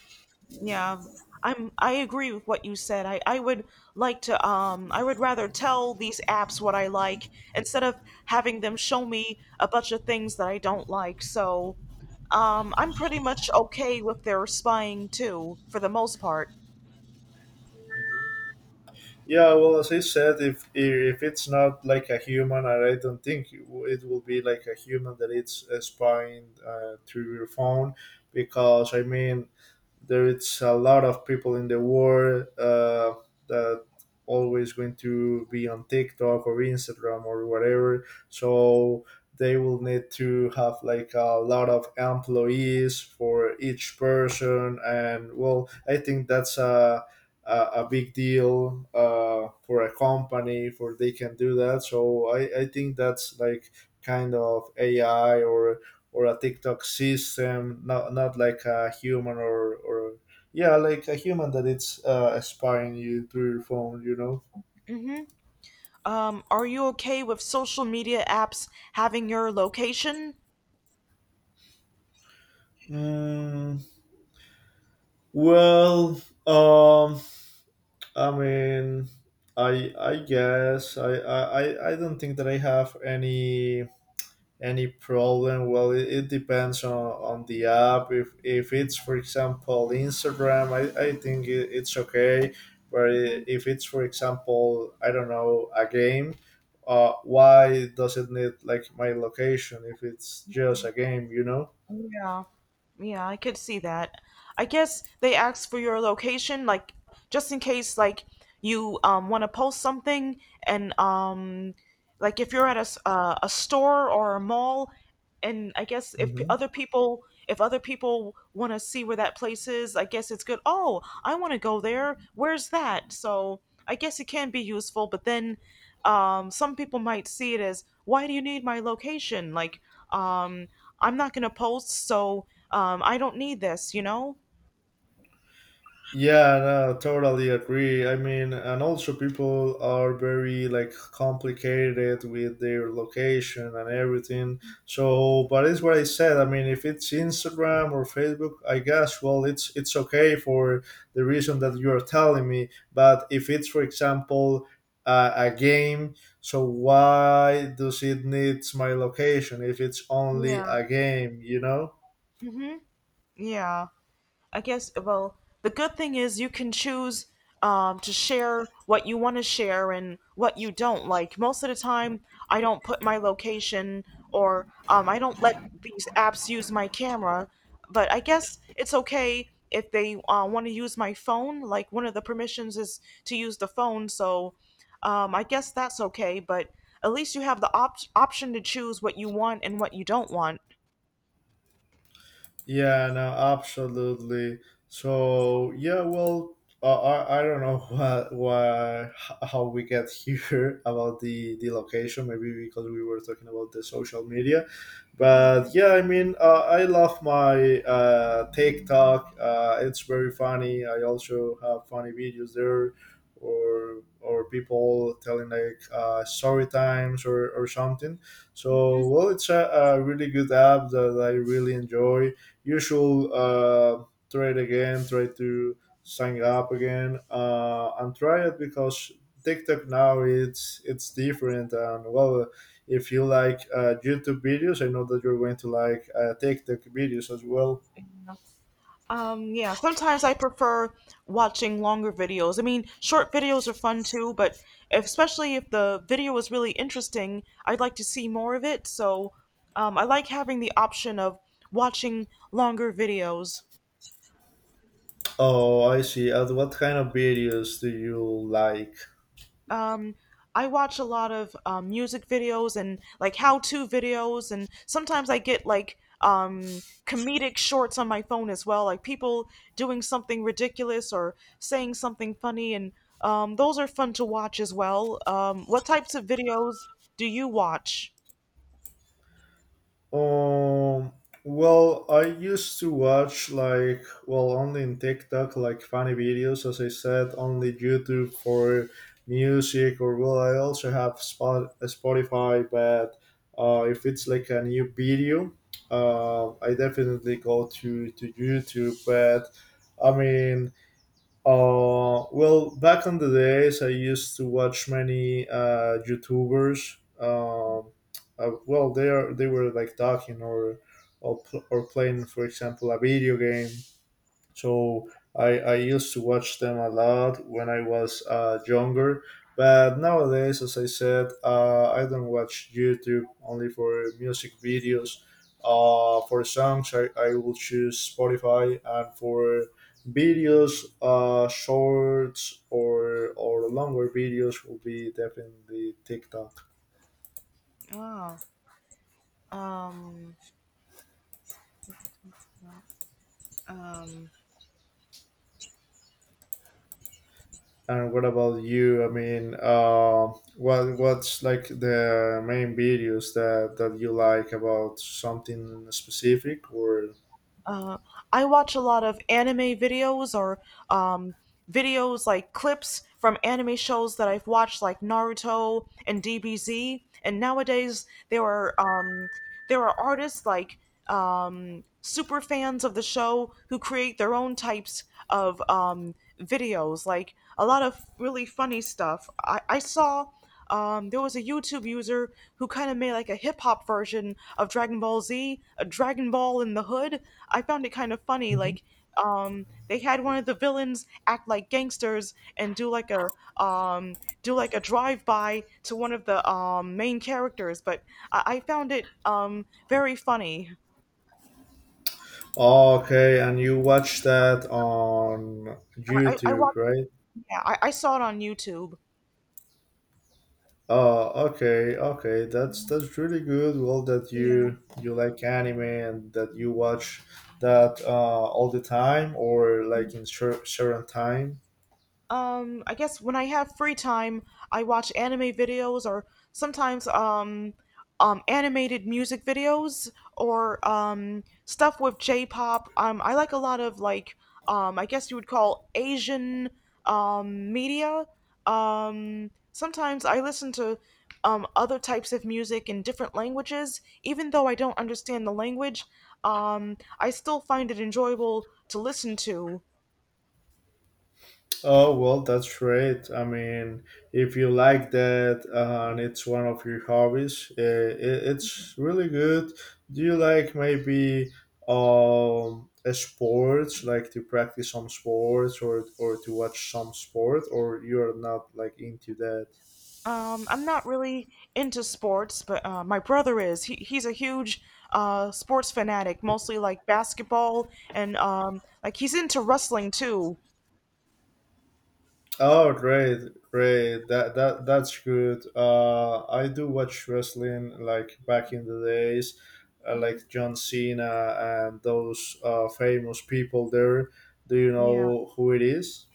S1: Yeah, I agree with what you said. I would like to I would rather tell these apps what I like instead of having them show me a bunch of things that I don't like. So, I'm pretty much okay with their spying too for the most part.
S2: Yeah, well, as I said, if it's not like a human, and I don't think it it will be like a human that it's spying through your phone, because I mean, there is a lot of people in the world that always going to be on TikTok or Instagram or whatever. So they will need to have like a lot of employees for each person, and well, I think that's a, a big deal for a company for they can do that. So I think that's like kind of AI or a TikTok system, not like a human or yeah, like a human that it's spying you through your phone, you know.
S1: Mhm. Um, are you okay with social media apps having your location?
S2: Mm, well, um, I mean, I guess I don't think that I have any problem. Well, it depends on the app. If it's for example Instagram, I think it's okay, but
S1: Mhm.
S2: if it's for example I don't know a game, why does it need like my location if it's just a game, you know?
S1: Yeah. Yeah, I could see that. I guess they ask for your location, like just in case, like you want to post something, and like if you're at a store or a mall, and I guess if p- other people if other people want to see where that place is, I guess it's good. Oh, I want to go there. Where's that? So I guess it can be useful, but then some people might see it as, why do you need my location? Like um, I'm not gonna post, so I don't need this you know
S2: Yeah, no, totally agree. I mean, and also people are very like complicated with their location and everything. So, but it's what I said. I mean, if it's Instagram or Facebook, I guess well, it's okay for the reason that you are telling me. But if it's, for example, a game, so why does it needs my location if it's only
S1: yeah
S2: a game? You know.
S1: hmm yeah I guess well, the good thing is you can choose to share what you want to share and what you don't like. Most of the time, I don't put my location or I don't let these apps use my camera. But I guess it's okay if they want to use my phone. Like one of the permissions is to use the phone, so I guess that's okay. But at least you have the option to choose what you want and what you don't want.
S2: Yeah, no, absolutely. So yeah, well, I don't know how we get here about the location. Maybe because we were talking about the social media, but yeah, I mean, I love my TikTok. It's very funny. I also have funny videos there, or people telling like story times or something.
S1: Hmm.
S2: So well, it's a really good app that I really enjoy usual try it again, try to sign up again and try it because TikTok now it's different, and well, if you like YouTube videos, I know that you're going to like TikTok videos as well.
S1: Yeah, sometimes I prefer watching longer videos. I mean, short videos are fun too, but if, especially if the video is really interesting, I'd like to see more of it. So, I like having the option of watching longer videos.
S2: Oh, I see. And what kind of videos do you like?
S1: um, I watch a lot of music videos and like how-to videos, and sometimes I get like comedic shorts on my phone as well, like people doing something ridiculous or saying something funny, and those are fun to watch as well. What types of videos do you watch?
S2: Um, well, I used to watch like well only in TikTok like funny videos, as I said, only YouTube for music, or well, I also have Spotify, but if it's like a new video, I definitely go to YouTube, but. I mean, well, back on the days, I used to watch many YouTubers. Well, they are they were like talking or, or playing, for example, a video game, so I used to watch them a lot when I was younger. But nowadays, as I said, I don't watch YouTube only for music videos. For songs, I will choose Spotify, and for videos, shorts or longer videos will be definitely TikTok.
S1: Oh. um, um,
S2: And what about you? I mean, what what's like the main videos that that you like about something specific or?
S1: Uh, I watch a lot of anime videos or um, videos like clips from anime shows that I've watched, like Naruto and DBZ. And nowadays, there are artists like super fans of the show who create their own types of videos, like a lot of really funny stuff. I saw there was a YouTube user who kind of made like a hip hop version of Dragon Ball Z, a Dragon Ball in the Hood. I found it kind of funny.
S2: Mhm.
S1: Like they had one of the villains act like gangsters and do like a um, drive by to one of the main characters. But I found it very funny.
S2: Okay, and you watch that on
S1: I
S2: YouTube,
S1: watched.
S2: right?
S1: Yeah, I saw it on YouTube.
S2: Oh, okay, okay. That's really good. Well, that
S1: Yeah.
S2: you like anime and that you watch that all the time or like in certain time.
S1: I guess when I have free time, I watch anime videos or sometimes animated music videos or stuff with J-pop. I like a lot of like I guess you would call Asian media. Sometimes I listen to other types of music in different languages, even though I don't understand the language. I still find it enjoyable to listen to.
S2: Oh well, that's great. I mean, if you like that and it's one of your hobbies, it's really good. Do you like maybe a sports, like to practice some sports or to watch some sport, or you're not like into that?
S1: I'm not really into sports, but my brother is. He's a huge sports fanatic, mostly like basketball and like he's into wrestling too.
S2: Oh, great, great. That's good. I do watch wrestling like back in the days, like John Cena and those famous people there. Do you
S1: Yeah.
S2: know who it is?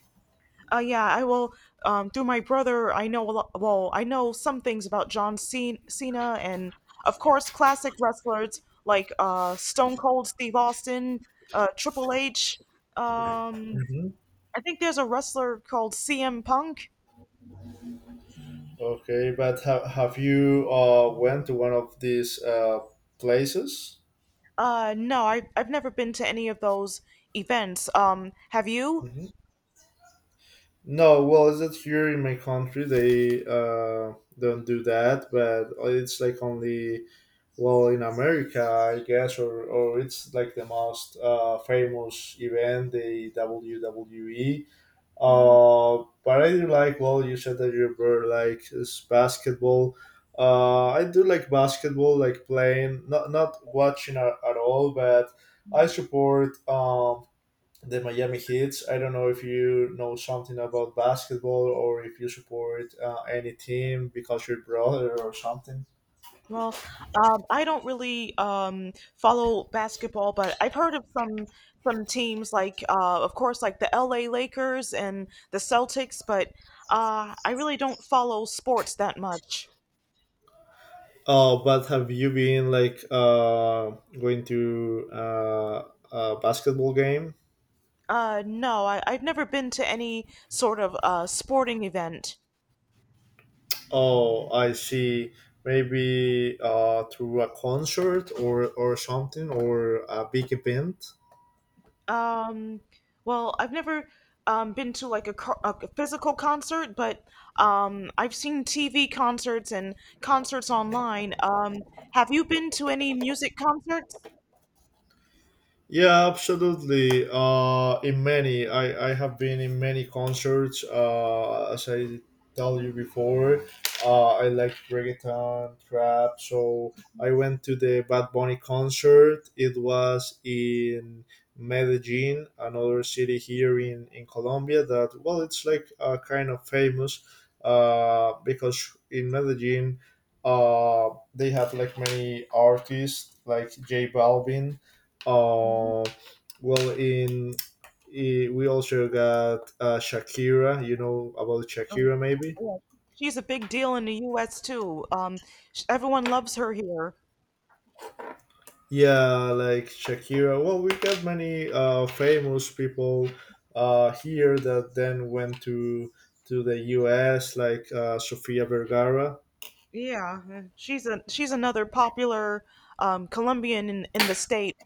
S1: Yeah, I will, through my brother, I know a lot, well, I know some things about John Cena and of course classic wrestlers like Stone Cold Steve Austin, Triple H. Um,
S2: Hmm.
S1: I think there's a wrestler called CM Punk.
S2: Okay, but have you went to one of these places?
S1: No, I've never been to any of those events. Have you?
S2: Hmm. No, well, is it here in my country? They don't do that, but it's like only. Well, in America, I guess, or it's like the most famous event, the WWE.
S1: Hmm.
S2: But I do like, well, you said that you were like is basketball. I do like basketball, like playing, not watching at all, but I support the Miami Heats. I don't know if you know something about basketball or if you support any team because you're brother or something.
S1: Well, I don't really follow basketball, but I've heard of some teams like, of course, like the LA Lakers and the Celtics, but I really don't follow sports that much.
S2: Oh, but have you been like going to a basketball game?
S1: No, I've never been to any sort of sporting event.
S2: Oh, I see. Maybe through a concert, or something or a big event.
S1: Um, well, I've never been to like a, a physical concert, but I've seen TV concerts and concerts online. Have you been to any music concerts?
S2: Yeah, absolutely. In many, I have been in many concerts. As I tell you before, I like reggaeton, trap. So I went to the Bad Bunny concert. It was in Medellin, another city here in Colombia. That well, it's like kind of famous, because in Medellin, they have like many artists like J Balvin
S1: Hmm.
S2: uh, well, we also got Shakira. You know about
S1: Oh,
S2: Shakira, maybe?
S1: yeah. She's a big deal in the U.S. too. Everyone loves her here.
S2: Yeah, like Shakira. Well, we got many famous people here that then went to the U.S., like Sofia Vergara.
S1: Yeah, she's a she's another popular Colombian in the state.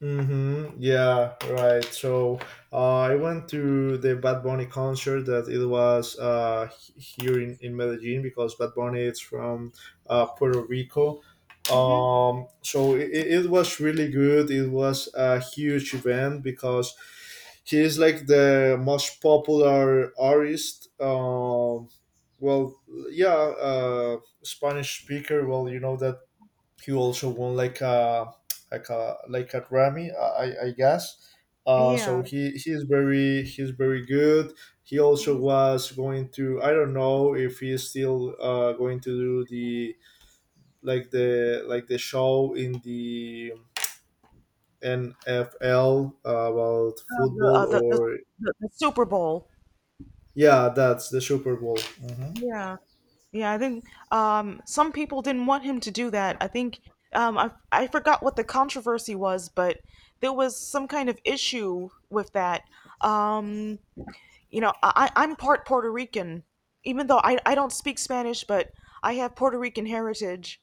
S2: Mm-hmm. Yeah, right. So I went to the Bad Bunny concert that it was here in Medellin because Bad Bunny is from Puerto Rico.
S1: Hmm.
S2: So it was really good. It was a huge event because he is like the most popular artist. Well, yeah, Spanish speaker. Well, you know that he also won like a like a Grammy, I guess. So
S1: Yeah.
S2: he's very he's very good. He also
S1: Mhm.
S2: was going to, I don't know if he's still going to do the like the show in the NFL about
S1: Um, the,
S2: football
S1: uh, the, the
S2: or
S1: the Super Bowl.
S2: yeah, that's the Super Bowl. Mhm.
S1: Yeah. Yeah, I think some people didn't want him to do that. I think I forgot what the controversy was, but there was some kind of issue with that. Um, you know, I'm part Puerto Rican, even though I don't speak Spanish, but I have Puerto Rican heritage.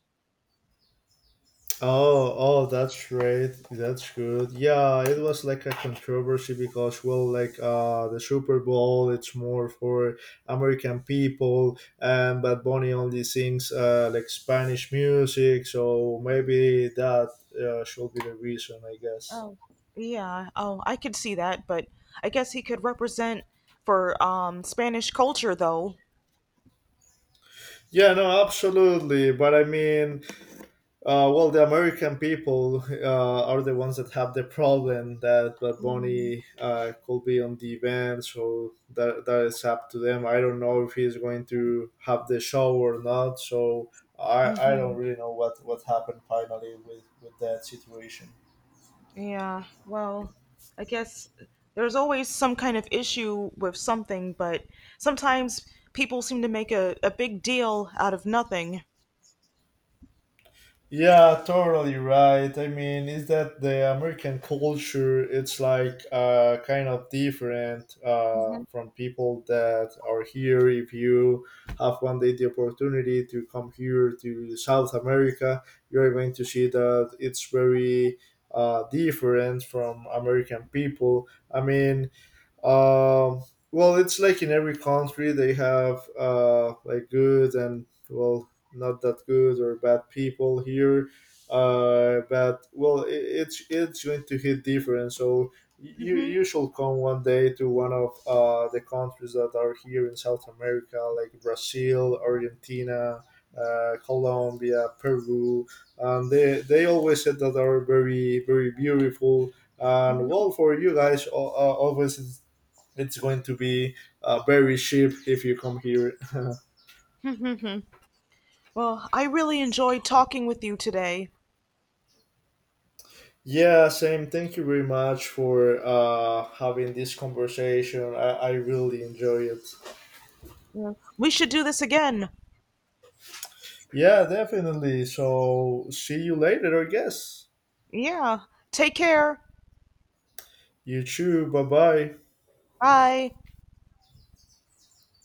S2: Oh, oh, that's great. That's good. Yeah, it was like a controversy because, well, like the Super Bowl, it's more for American people, and Bad Bunny only sings like Spanish music, so maybe that should be the reason, I guess.
S1: Oh, yeah. Oh, I could see that, but I guess he could represent for Spanish culture though.
S2: Yeah, no, absolutely. But I mean, uh, well, the American people are the ones that have the problem that Bad Bunny could be on the event, so that is up to them. I don't know if he's going to have the show or not, so I
S1: Hmm.
S2: don't really know what happened finally with that situation.
S1: Yeah, well, I guess there's always some kind of issue with something, but sometimes people seem to make a big deal out of nothing.
S2: Yeah, totally right. I mean, is that the American culture? It's like kind of different
S1: Mhm,
S2: from people that are here. If you have one day the opportunity to come here to South America, you're going to see that it's very different from American people. Um, it's like in every country they have like good and well, not that good or bad people here. But well, it's going to hit different. So you
S1: mhm,
S2: you should come one day to one of the countries that are here in South America, like Brazil, Argentina, Colombia, Peru, and they always said that are very beautiful and
S1: mhm.
S2: well, for you guys, always it's going to be very cheap if you come here.
S1: Well, I really enjoyed talking with you today.
S2: Yeah, same. Thank you very much for having this conversation. I really enjoy it.
S1: Yeah. We should do this again.
S2: Yeah, definitely. So see you later, I guess.
S1: Yeah. Take care.
S2: You too. Bye bye.
S1: Bye.